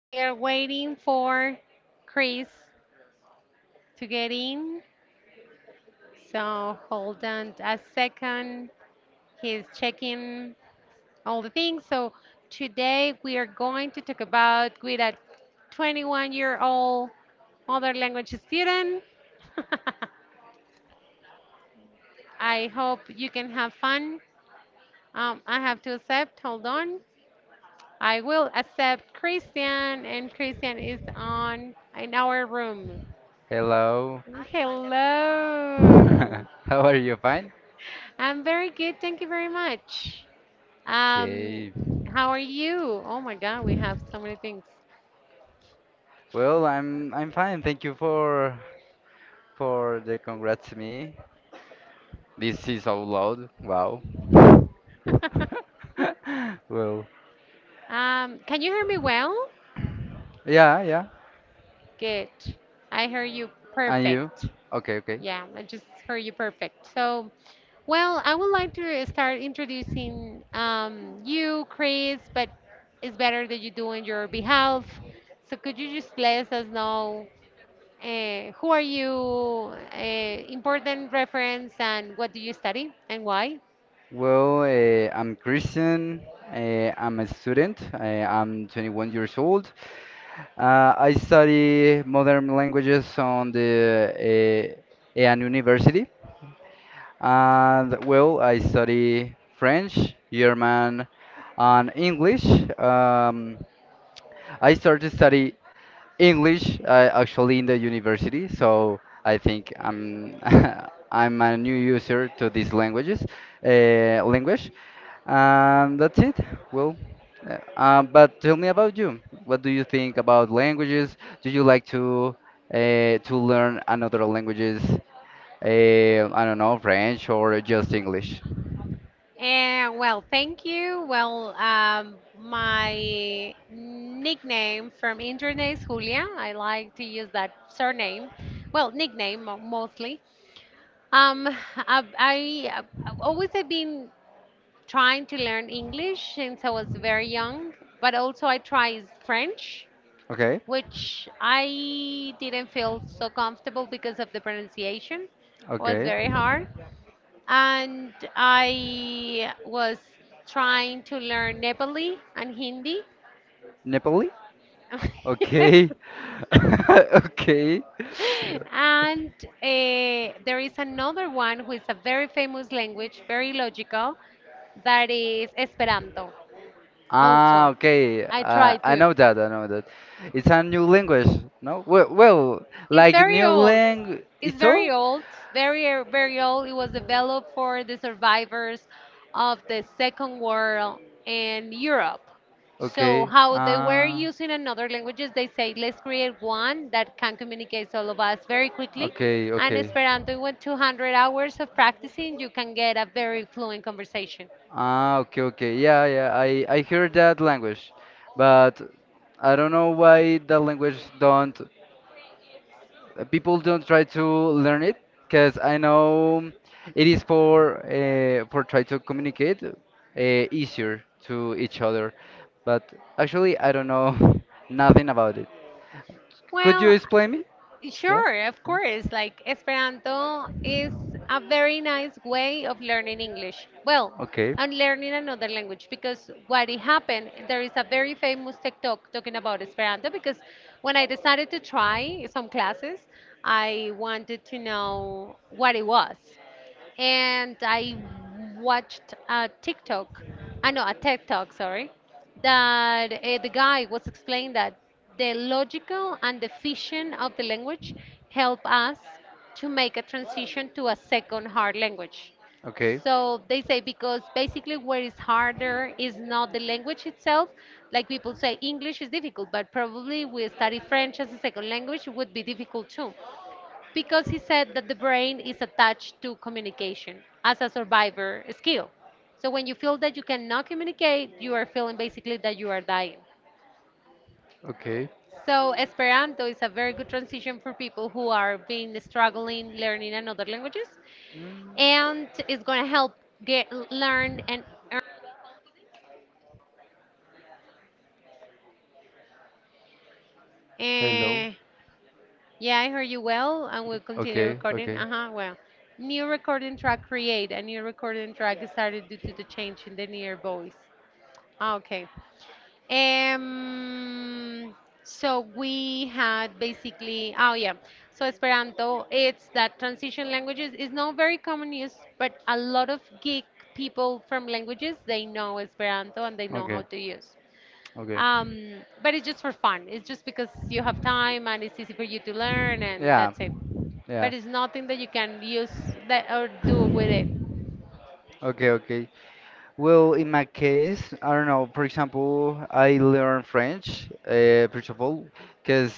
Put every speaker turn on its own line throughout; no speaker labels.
We are waiting for Chris to get in. So hold on a second. He's checking all the things. So today we are going to talk about with a 21-year-old other language student. I hope you can have fun. I have to accept. Hold on. I will accept Christian, and Christian is on in our room.
Hello.
Hello.
How are you? Fine?
I'm very good. Thank you very much. Um,
Okay.
how are you? Oh my God, we have so many things.
Well, I'm fine. Thank you for the congrats to me. This is so loud. Wow. Well,
Can you hear me well?
yeah, yeah.
Good. I hear you
And you?
perfect.
Okay, okay.
Yeah, I just heard you perfect. So, well, I would like to start introducing you, Chris, but it's better that you do on your behalf. So could you just let us know who are you? Important reference and what do you study and why?
Well, I'm Christian. I'm a student. I'm 21 years old. I study modern languages on the an university. And well, I study French, German, and English. Um, I started to study English, actually in the university, so I think I'm I'm a new user to these languages, language, and that's it. Well, but tell me about you. What do you think about languages? Do you like to to learn another languages? I don't know, French or just English?
And well, thank you. Well, my nickname from internet is Julia. I like to use that surname. Well, mostly. Um, I I've always have been trying to learn English since I was very young, but also I try French,
Okay,
which I didn't feel so comfortable because of the pronunciation was
okay.
very hard. And I was trying to learn Nepali and Hindi.
Nepali? Okay, okay.
And there is another one who is a very famous language, very logical, that is Esperanto.
Ah,
Also,
okay.
I try
I
to.
know that. I know that. It's a new language, no? Well,
It's
like
very
new
old.
language.
It's
It's
very
all?
old, very, very old. It was developed for the survivors of the Second World in Europe. So,
Okay.
how they were
Ah.
using another languages, they say, let's create one that can communicate all of us very quickly.
Okay,
And
okay.
Esperanto, with 200 hours of practicing, you can get a very fluent conversation.
Ah, okay, okay. Yeah, yeah. I hear that language, but I don't know why that language don't people don't try to learn it because I know it is for for try to communicate, easier to each other. But actually, I don't know nothing about it. Could you
Well,
explain me? Yeah.
sure, of
Yeah.
course. Like Esperanto is a very nice way of learning English. Well,
Okay.
and learning another language because what it happened, there is a very famous TikTok talking about Esperanto because when I decided to try some classes, I wanted to know what it was and I watched a TikTok, I know a TED Talk, sorry, that the guy was explaining that the logical and the fission of the language help us to make a transition to a second hard language.
Okay. Okay.
So they say because basically what is harder is not the language itself. Like people say English is difficult, but probably we study French as a second language would be difficult too because he said that the brain is attached to communication as a survivor skill. So when you feel that you cannot communicate, you are feeling basically that you are dying. So Esperanto is a very good transition for people who are being struggling learning another languages, and it's going to help get learn and earn.
Hello.
Eh, yeah, I heard you well, and we'll continue
Okay,
recording.
okay.
Uh huh. Well, new recording track create. A new recording track is started due to the change in the near voice. Ah, okay. Um. So we had basically. Oh yeah. So Esperanto, it's that transition languages is not very common use, but a lot of geek people from languages they know Esperanto and they know how
Okay,
to use.
okay.
But it's just for fun. It's just because you have time and it's easy for you to learn, and
Yeah,
that's it.
yeah.
But it's nothing that you can use that or do with it.
Okay, okay. Well, in my case, I don't know. For example, I learn French, first of all, because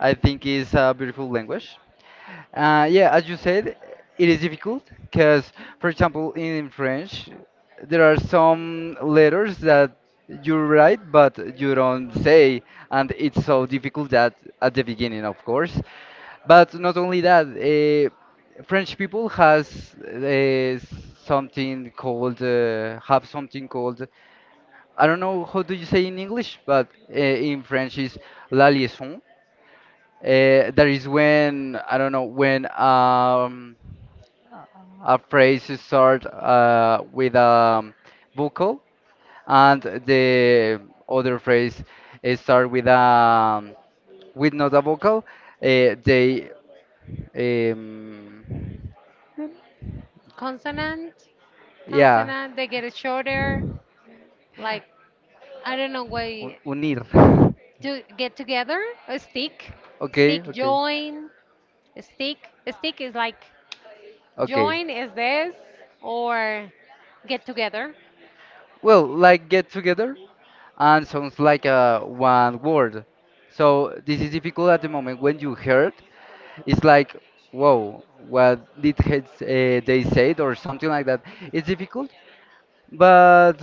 I think it's a beautiful language. Yeah, as you said, it is difficult because, for example, in French, there are some letters that you write but you don't say, and it's so difficult that at the beginning, of course. But not only that, French people has, something called, have something called, I don't know how do you say in English, but in French is la liaison, that is when I don't know, when a phrase is start, with a vocal and the other phrase is start with not a vocal. They, um,
Consonant,
yeah,
consonant. They get it shorter. Like I don't know why
unir.
to get together. A stick,
Okay,
stick
okay,
join, a stick. A stick is like
okay.
join is this or get together.
Well, like get together, and sounds like a one word. So this is difficult at the moment when you heard, it's like, whoa, what did they said or something like that. It's difficult, but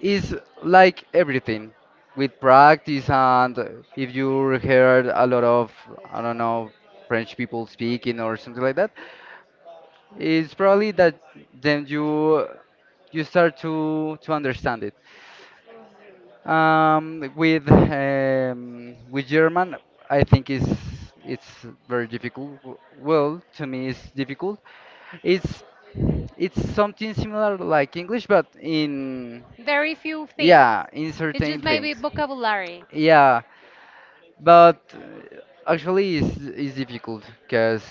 it's like everything with practice, and if you heard a lot of, I don't know, French people speaking or something like that, it's probably that then you start to understand it. With German, I think it's very difficult. Well, to me, it's difficult. It's it's something similar like English, but in,
Very few things.
yeah, in
It's just
certain
maybe
things.
vocabulary.
Yeah, but actually, it's difficult because,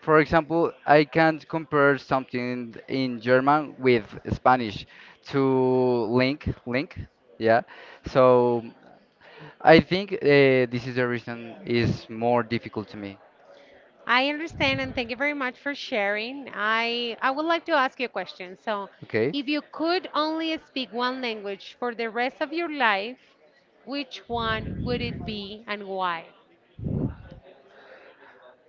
for example, I can't compare something in German with Spanish to link. Yeah, so. I think this is the reason is more difficult to me.
I understand and thank you very much for sharing. I would like to ask you a question. So,
Okay,
if you could only speak one language for the rest of your life, which one would it be and why?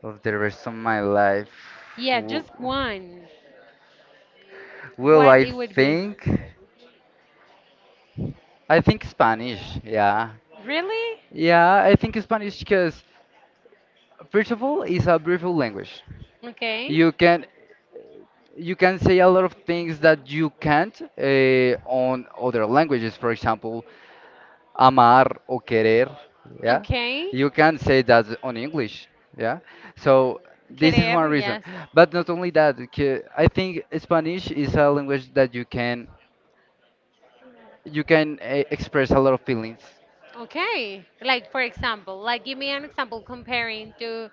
of the rest of my life,
Yeah,
w-
just one.
well,
What
I
it would be?
think I think Spanish. Yeah,
Really?
yeah, I think Spanish because first of all, it's a beautiful language.
Okay.
You can you can say a lot of things that you can't, on other languages. For example, amar or querer, yeah?
Okay.
You can say that on English, yeah? So this is
Querer,
one reason.
yes.
But not only that, I think Spanish is a language that you can, express a lot of feelings.
Okay. Like for example, like give me an example comparing to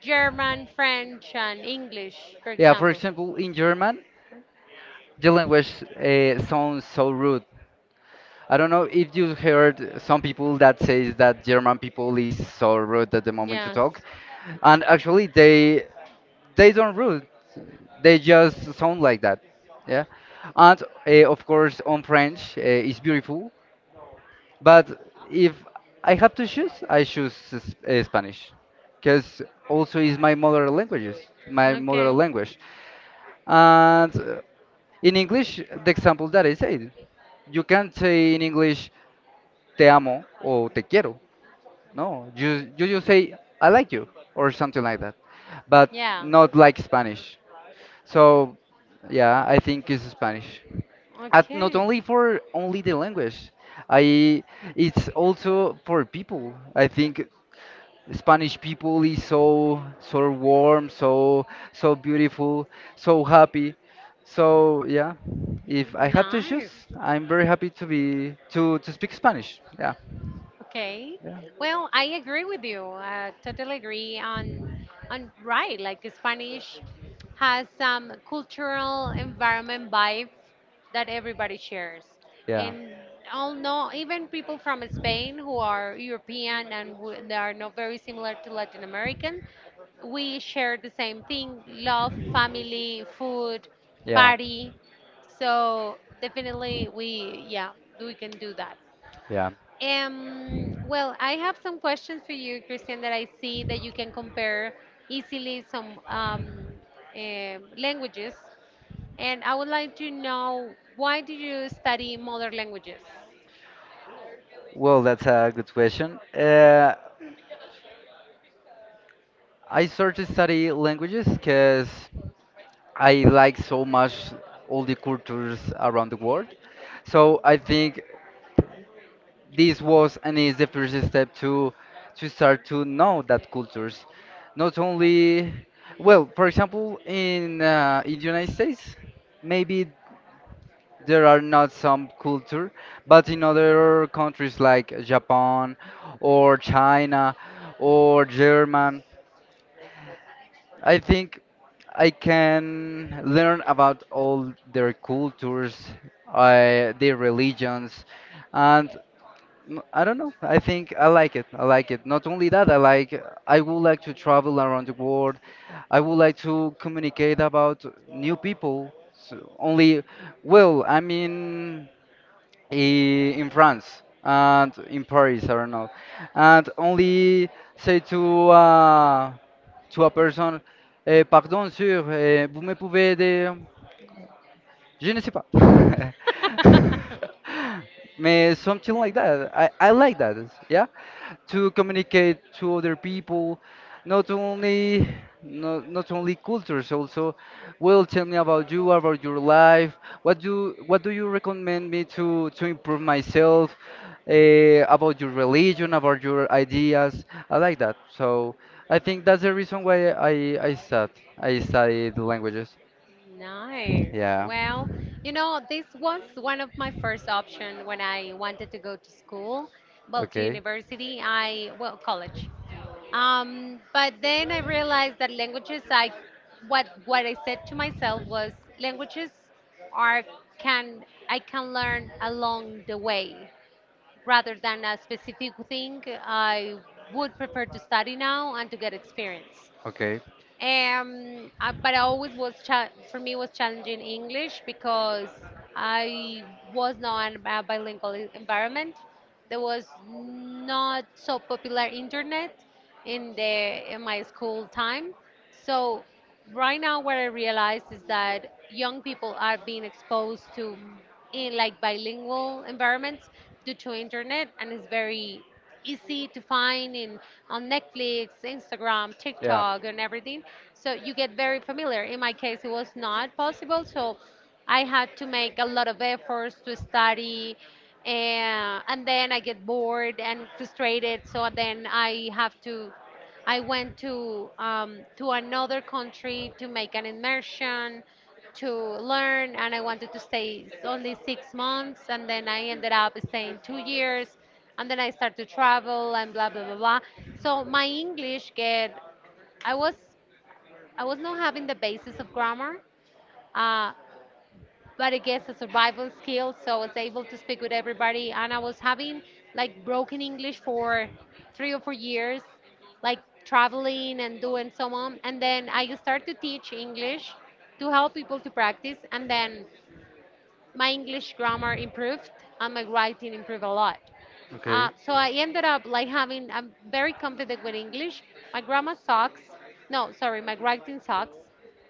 German, French and English, for
Yeah, for
example.
example, in German, the language, sounds so rude. I don't know if you heard some people that says that German people is so rude at the moment to
Yes.
talk, and actually they don't rude. They just sound like that. Yeah, and of course, on French, is beautiful. But if I have to choose, I choose, Spanish, because also is my mother languages, my mother
Okay.
language. And in English, the example that I said, you can't say in English te amo or te quiero. No, you just say I like you or something like that, but
Yeah.
not like Spanish. So, yeah, I think it's Spanish. At not
Okay.
only for only the language, I it's also for people. I think Spanish people is so so warm, so so beautiful, so happy. So yeah, if I have to choose,
Nice.
I'm very happy to be to speak Spanish. Yeah,
Okay.
yeah,
Well, I agree with you. I totally agree on right. Like Spanish has some cultural environment vibe that everybody shares.
yeah,
And all no, even people from Spain who are European and w they are not very similar to Latin American, we share the same thing: love, family, food,
yeah,
party. So definitely, we yeah, we can do that.
yeah.
Well, I have some questions for you, Christian, that I see that you can compare easily some languages. And I would like to know why do you study modern languages?
Well, that's a good question. I started study languages because I like so much all the cultures around the world. So I think this was and is the first step to start to know that cultures. Not only, well, for example, in the United States, maybe there are not some culture, but in other countries like Japan or China or German, I think I can learn about all their cultures, their religions, and I don't know. I think I like it. I like it. Not only that, I like. I would like to travel around the world. I would like to communicate about new people. So only, well, I mean, i- in France and in Paris, I don't know, and only say to. To personne, person. Pardon, sir, vous me pouvez aider? Je ne sais pas. May something
Yes.
like that. I like that. Yeah, to communicate to other people, not only not only cultures. Also, well, tell me about you, about your life. What do you recommend me to improve myself? About your religion, about your ideas. I like that. So I think that's the reason why I studied languages.
Nice.
Yeah.
Well, you know, this was one of my first option when I wanted to go to school, well, to
Okay,
university, I, well, college. But then I realized that languages, I, what I said to myself was languages are, can, I can learn along the way rather than a specific thing. I would prefer to study now and to get experience.
okay.
I, but I always was for me was challenging English because I was not in a bilingual environment. There was not so popular internet in the in my school time, so right now what I realize is that young people are being exposed to in like bilingual environments due to internet and it's very easy to find in on Netflix, Instagram,
Yeah.
TikTok and everything, so you get very familiar. In my case it was not possible, so I had to make a lot of efforts to study and then I get bored and frustrated, so then I have to I went to another country to make an immersion to learn, and I wanted to stay only 6 months, and then I ended up staying 2 years, and then I started to travel and blah blah blah blah. So my English get I was I was not having the basis of grammar. Uh, but it gets a survival skill. So I was able to speak with everybody, and I was having like broken English for 3 or 4 years, like traveling and doing so on. And then I started to teach English to help people to practice, and then my English grammar improved and my writing improved a lot.
Okay.
So I ended up like having, I'm very confident with English. My grammar sucks. No, sorry, my writing sucks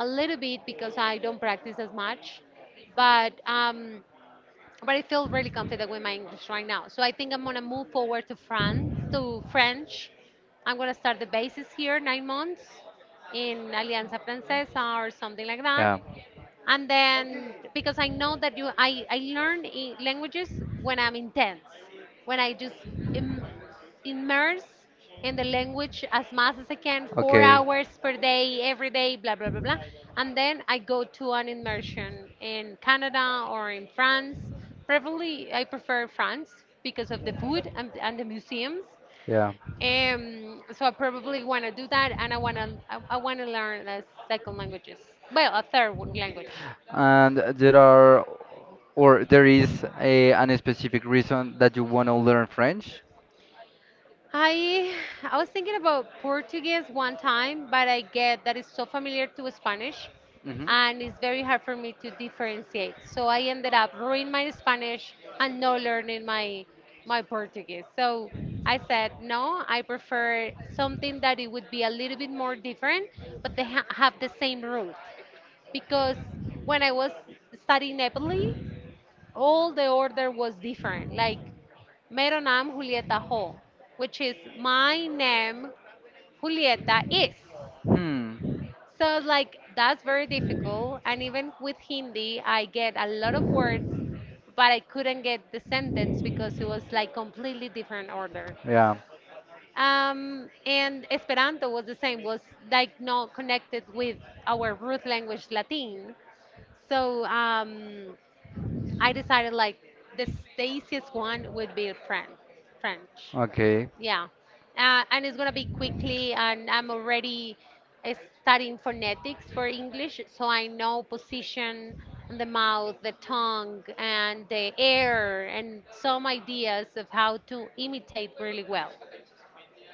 a little bit because I don't practice as much. But, um, but I feel really confident with my English right now. So I think I'm gonna move forward to France, to French. I'm gonna start the basis here, 9 months in Alianza Francesa or something like that,
Yeah.
and then because I know that you I learn languages when I'm intense, when I just Im- immerse in the language as much as I can four
Okay.
hours per day every day blah blah blah blah, and then I go to an immersion in Canada or in France, preferably I prefer France because of the food and the museums.
Yeah,
So I probably want to do that, and I want to I want to learn a second languages, well, language.
and there are, or there is, an specific reason that you want to learn French.
I I was thinking about Portuguese one time, but I get that it's so familiar to Spanish
Hmm.
and it's very hard for me to differentiate. So I ended up ruining my Spanish and not learning my my Portuguese. So I said, no, I prefer something that it would be a little bit more different, but they ha have the same root. Because when I was studying Nepali, all the order was different. Like, Mero nam Julieta Ho, which is my name Julieta is.
Hmm.
So like that's very difficult. And even with Hindi, I get a lot of words, but I couldn't get the sentence because it was like completely different order.
Yeah.
And Esperanto was the same, was like not connected with our root language Latin. So I decided like the easiest one would be French. French,
Okay.
yeah, and it's gonna be quickly, and I'm already uh, studying phonetics for English, so I know position and the mouth, the tongue, and the air, and some ideas of how to imitate really well.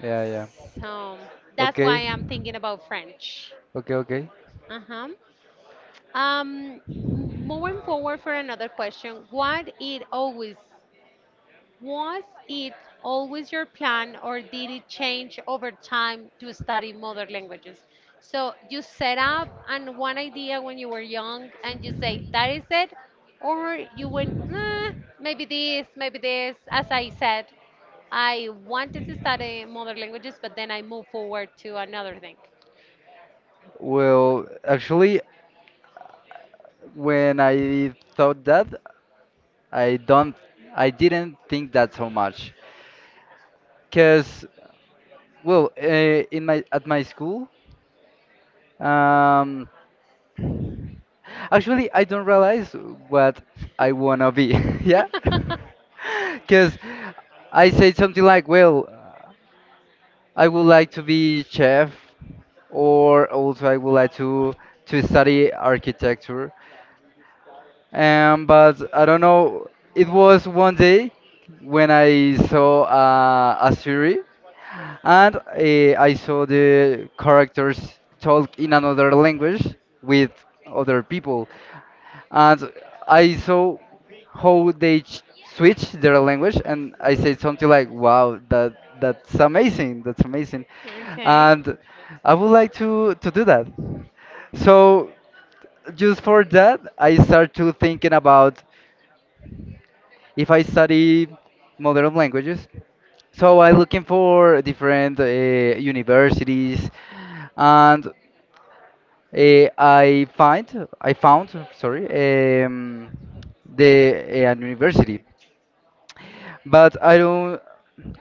Yeah, yeah.
So that's why
Okay.
I'm thinking about French.
Okay, okay.
Uh huh. Um, Moving forward for another question, what it always was it always your plan, or did it change over time to study mother languages? So you set up on one idea when you were young, and you say that is it, or you went "Nah, maybe this, maybe this. As I said, I wanted to study mother languages, but then I moved forward to another thing.
Well, actually, when I thought that, I don't, I didn't think that so much, because well, in my at my school, um, actually I don't realize what I wanna be, yeah, because I said something like, well, I would like to be chef, or also I would like to study architecture. But I don't know. It was one day when I saw, a series, and I saw the characters talk in another language with other people, and I saw how they switch their language, and I said something like, "Wow, that's amazing! That's amazing!"
Okay.
And I would like to do that. So just for that, I start to thinking about if I study modern languages. So I looking for different, universities, and I find I found, sorry, um, the an university, but I don't,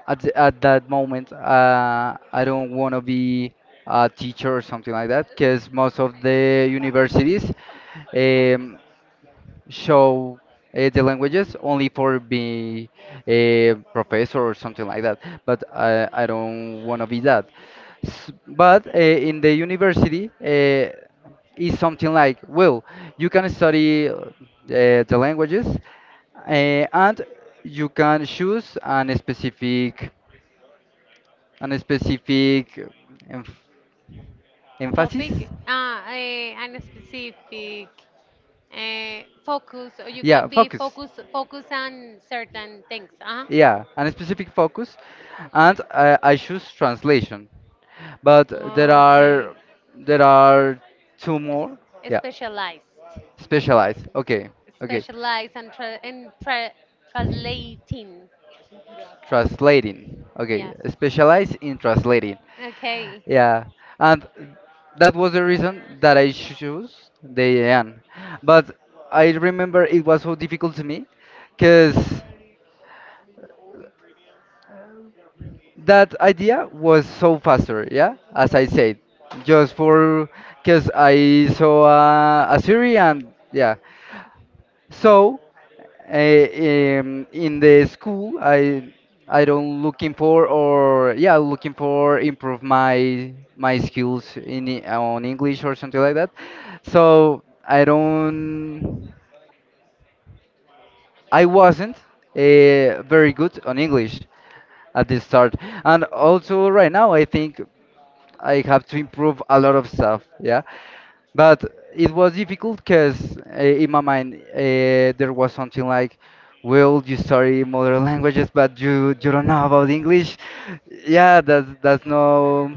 at that moment, I don't want to be a teacher or something like that because most of the universities, um, show, the languages only for be a professor or something like that. But I don't want to be that. But in the university, is something like, well, you can study, the languages, and you can choose an specific emph emphasis.
Topic and a specific focus, or you
Yeah,
can be
focus.
focus on certain things
Yeah, and a specific focus, and I choose translation. But there
okay.
are there are two more.
Es-
Yeah,
specialized
specialize. Okay, okay,
specialized and translating
translating. Okay,
yes
specialize in translating.
okay.
Yeah, and that was the reason that I chose the AN. But I remember it was so difficult to me, cause that idea was so faster, yeah, as I said, just for because I saw a series, and yeah, so in the school I don't looking for, or yeah, looking for improve my skills in on English or something like that, so I don't, I wasn't, very good on English at the start, and also right now I think I have to improve a lot of stuff, yeah. But it was difficult because in my mind, there was something like, "Well, you study modern languages, but you don't know about English." Yeah, that's no.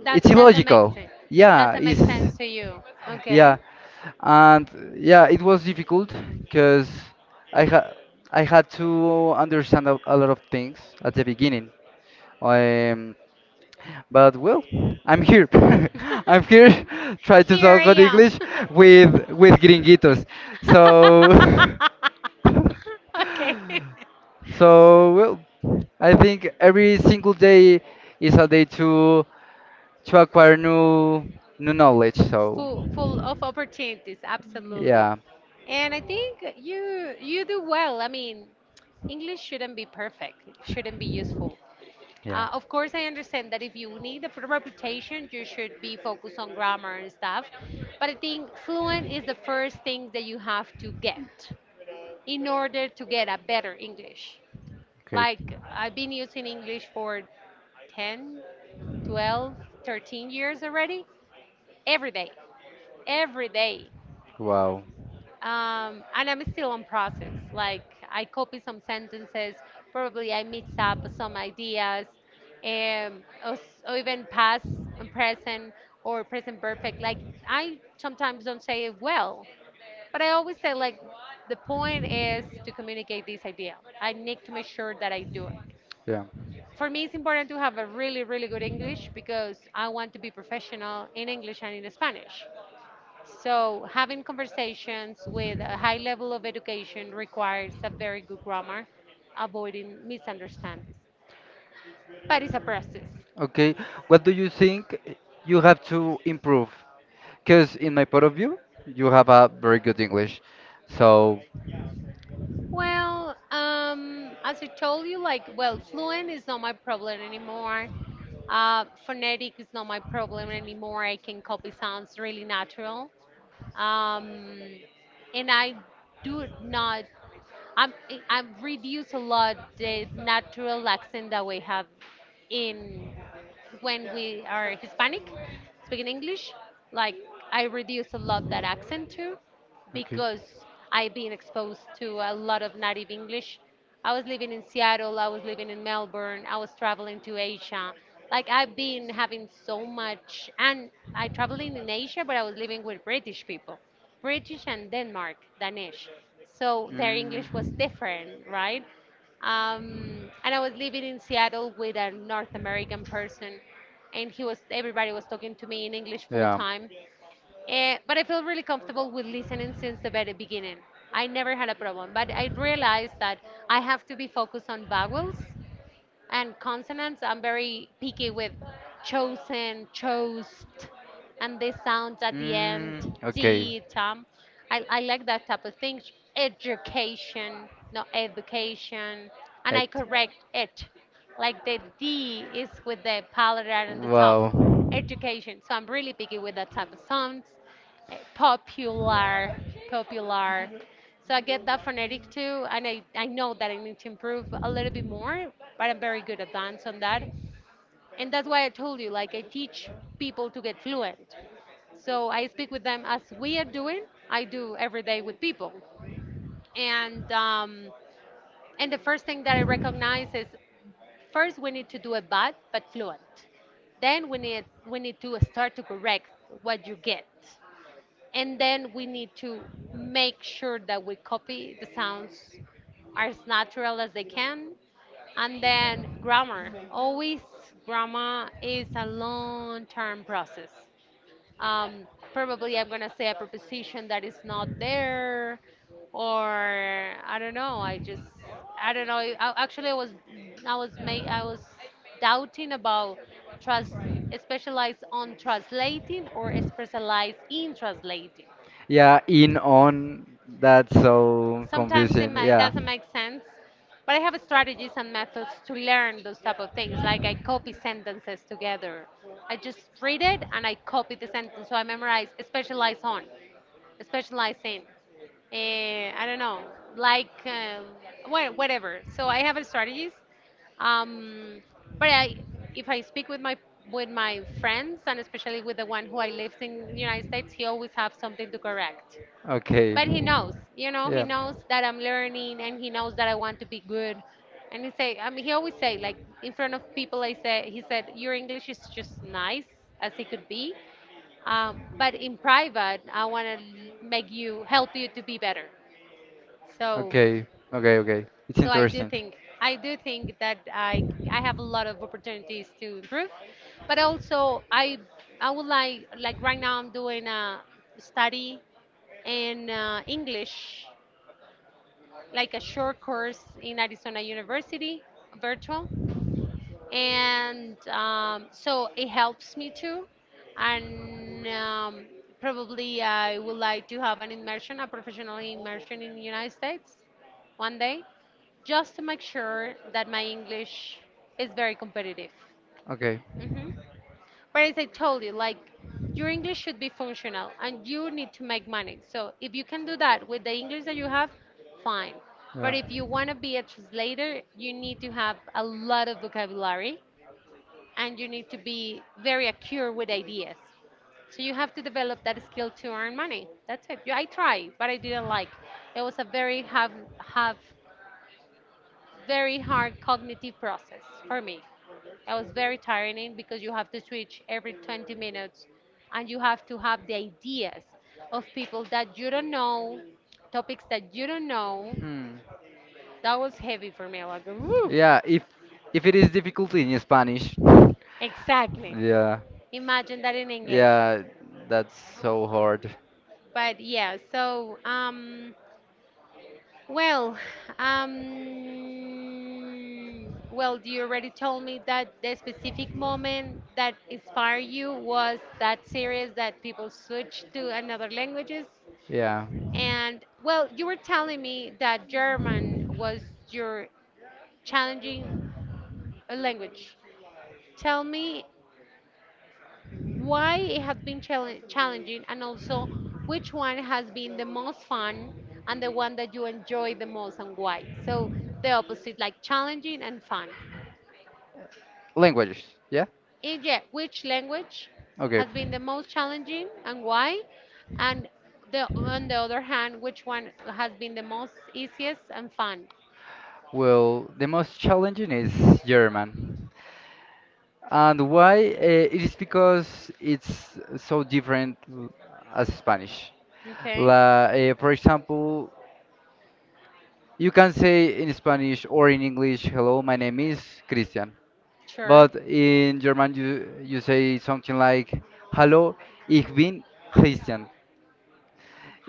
That
It's
doesn't make
illogical.
sense.
Yeah,
Doesn't
it's
make sense to you. Okay.
yeah, and yeah, it was difficult because I had I had to understand a lot of things at the beginning. Um, but well, I'm here. I'm here trying to
Here
talk
I
on
am.
English with gringuitos. So
Okay.
so well, I think every single day is a day to acquire new knowledge. So
Full, full of opportunities, absolutely.
yeah,
And I think you do well. I mean, English shouldn't be perfect. It shouldn't be useful.
yeah,
Of course, I understand that if you need a full reputation, you should be focused on grammar and stuff. But I think fluent is the first thing that you have to get in order to get a better English.
okay.
Like, I've been using English for 10, 12, 13 years already, every day, every day.
Wow.
And I'm still on process. Like I copy some sentences, probably I mix up some ideas, or, or even past and present or present perfect. Like I sometimes don't say it well, but I always say like the point is to communicate this idea. I need to make sure that I do it.
Yeah.
For me, it's important to have a really, really good English because I want to be professional in English and in Spanish. So, having conversations with a high level of education requires a very good grammar, avoiding misunderstandings. But it's a process.
Okay, what do you think you have to improve? Because in my point of view, you have a very good English. So
Well, as I told you, like, well, fluent is not my problem anymore. Phonetic is not my problem anymore. I can copy sounds really natural. Um, and I do not I've reduced a lot the natural accent that we have in when we are Hispanic, speaking English. Like I reduce a lot that accent too,
okay.
because I've been exposed to a lot of native English. I was living in Seattle. I was living in Melbourne. I was traveling to Asia. Like I've been having so much, and I traveling in Asia, but I was living with British people, British and Denmark, Danish, so their English was different, right? And I was living in Seattle with a North American person, and he was everybody was talking to me in English full time. But I feel really comfortable with listening since the very beginning. I never had a problem, but I realized that I have to be focused on vowels and consonants. I'm very picky with chosen, chose, and this sound at the end,
Mm, okay.
d, tom. I like that type of thing. Education, no education, and I
It.
correct it. Like the d is with the palatal on the top,
Wow.
education. So I'm really picky with that type of songs. Popular, popular. So I get that phonetic too, and I know that I need to improve a little bit more, but I'm very good at dance on that. And that's why I told you, like I teach people to get fluent. So I speak with them as we are doing. I do every day with people, and the first thing that I recognize is, first, we need to do a bad but fluent. Then we need to start to correct what you get, and then we need to make sure that we copy the sounds as natural as they can. And then grammar. Always grammar is a long-term process. Probably I'm gonna say a preposition that is not there, or I don't know. I just I don't know. I, actually, I was doubting about trans specialize on translating or specialize in translating.
Yeah, in on, that's so
Sometimes it
confusing.
might,
Yeah.
doesn't make sense, but I have strategies and methods to learn those type of things. Like I copy sentences together. I just read it and I copy the sentence, so I memorize, specialize on. Specialize in. I don't know, like whatever. So I have a strategist, um, but I, if I speak with my friends and especially with the one who I lived in the United States, he always have something to correct. But he
Okay.
knows, you know, he
Yeah.
knows that I'm learning and he knows that I want to be good. And he say, I mean, he always say like in front of people, I say, he said, your English is just nice as it could be, but in private, I want to make you help you to be better. So,
Okay, okay, okay. It's
so
interesting.
I do think that I have a lot of opportunities to improve, but also I would like right now I'm doing a study in English, like a short course in Arizona University, virtual. And so it helps me too. And probably I would like to have an immersion, a professional immersion in the United States one day, just to make sure that my English is very competitive.
Okay.
Hmm. But as I told you, like your English should be functional and you need to make money. So if you can do that with the English that you have, fine. But
Yeah.
if you want to be a translator, you need to have a lot of vocabulary and you need to be very accurate with ideas. So you have to develop that skill to earn money. That's it. Yeah, I tried, but I didn't like. It was a very have very hard cognitive process for me. It was very tiring because you have to switch every 20 minutes and you have to have the ideas of people that you don't know, topics that you don't know.
Hmm.
That was heavy for me. Like, woo.
Yeah, if it is difficulty in Spanish.
Exactly.
Yeah.
Imagine that in English.
Yeah, that's so hard.
But yeah, so well, well, you already told me that the specific moment that inspired you was that series that people switch to another languages.
Yeah.
And well, you were telling me that German was your challenging language. Tell me why it has been challenging, and also which one has been the most fun and the one that you enjoy the most and why. So the opposite, like challenging and fun.
Languages. Yeah?
And yeah, which language
Okay.
has been the most challenging and why? And the, on the other hand, which one has been the most easiest and fun?
Well, the most challenging is German. And why? It is because it's so different, as Spanish.
Okay,
For example, you can say in Spanish or in English, hello, my name is Christian.
sure.
But in German, you say something like, "Hallo, ich bin Christian."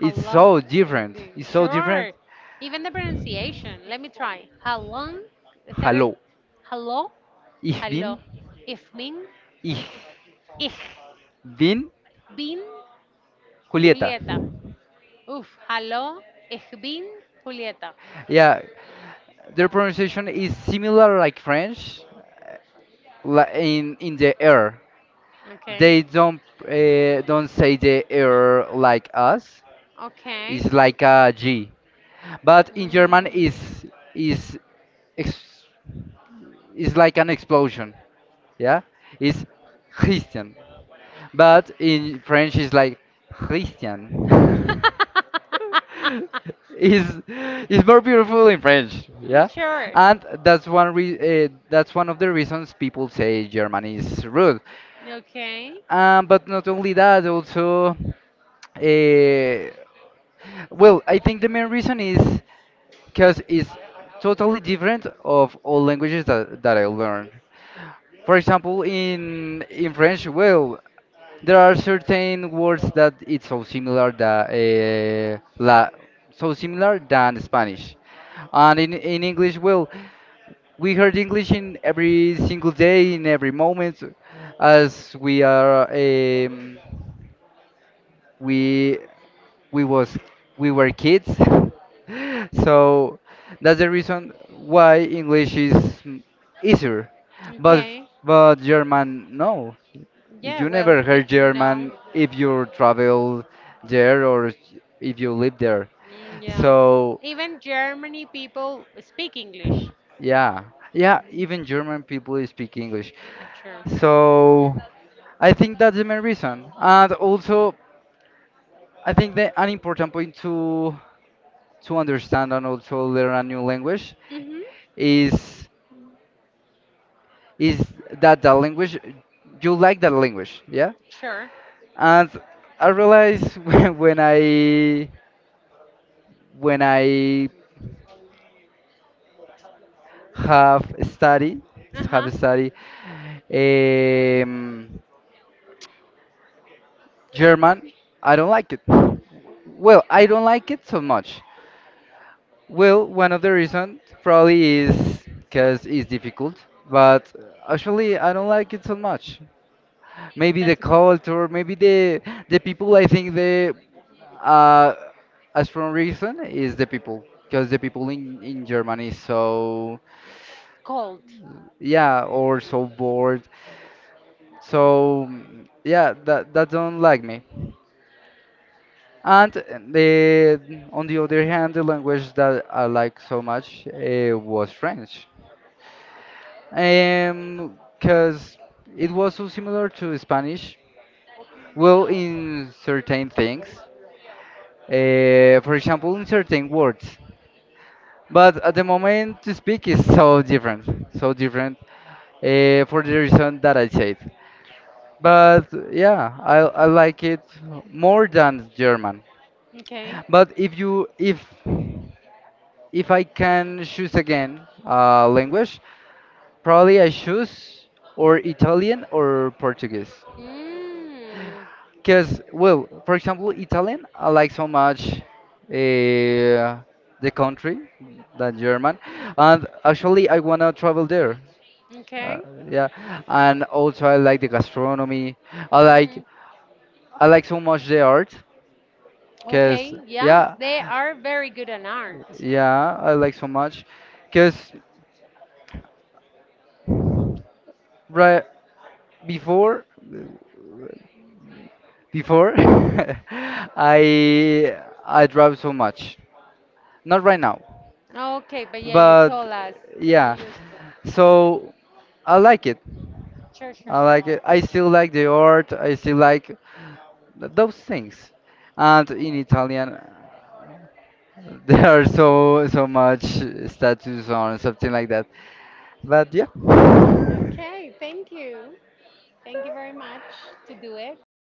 How
so
long is
different.
the
It's so different.
sure? Even the pronunciation. Let me try. How long? Is that it?
Hallo,
Hello?
ich
Hello.
bin,
Ich bin.
ich
Ich
bin
bin
Julieta.
Julieta. Oof. Hello. Ich bin Julieta.
Yeah, their pronunciation is similar like French, li- in the air. They
Okay.
don't say the air like us.
Okay.
It's like a G. But in German,
Mm.
is is ex- is like an explosion. Yeah, is Christian. But in French, it's like Christian. Is more beautiful in French, yeah.
Sure.
And that's one of the reasons people say German is rude.
Okay.
But not only that, also, uh, well, I think the main reason is because it's totally different of all languages that I learned. For example, in French, well, there are certain words that it's so similar that so similar than Spanish, and in English, well, we heard English in every single day, in every moment, as we are we we was we were kids, so that's the reason why English is easier, but
Okay.
but German no.
Yeah,
You
well,
never
y-
heard
no.
German if you travel there or if you live there.
Mm, yeah.
So,
Even Germany people speak English.
yeah. Yeah, even
Mhm.
German people speak English.
Sure.
So, I think that's the main reason. And also, I think that an important point to understand and also learn a new language
Mm-hmm.
is is that the language you like that language, yeah?
Sure.
And I realized when I have studied
Uh-huh.
have studied um, German. I don't like it. Well, I don't like it so much. Well, one of the reasons probably is because it's difficult, but actually I don't like it so much. Maybe the
That's okay.
culture, maybe the people. I think the uh, as from reason is the people because the people in Germany is so,
Cold.
yeah, or so bored. So mm, yeah, that don't like me. And the on the other hand, the language that I like so much, was French, because it was so similar to Spanish. Well, in certain things, for example, in certain words. But at the moment, to speak is so different, so different, for the reason that I said. But yeah, I like it more than German.
Okay.
But if you if I can choose again, language, probably I choose or Italian or Portuguese.
Mm.
Because well, for example, Italian I like so much, uh, the country, the German, and actually I wanna travel there. Uh,
Okay.
yeah, and also I like the gastronomy. I
Mm-hmm.
like I like so much the art. Cause
Okay. Yes,
yeah,
they are very good on art.
yeah, I like so much. Cause right before before I I drive so much. Not right now,
Okay, but yeah, you told
but
us that you
yeah.
used to.
So I like it.
Sure, sure,
I
sure.
like it. I still like the art. I still like those things. And in Italian, there are so much statues on something like that. But yeah.
Okay, thank you. Thank you very much to do it.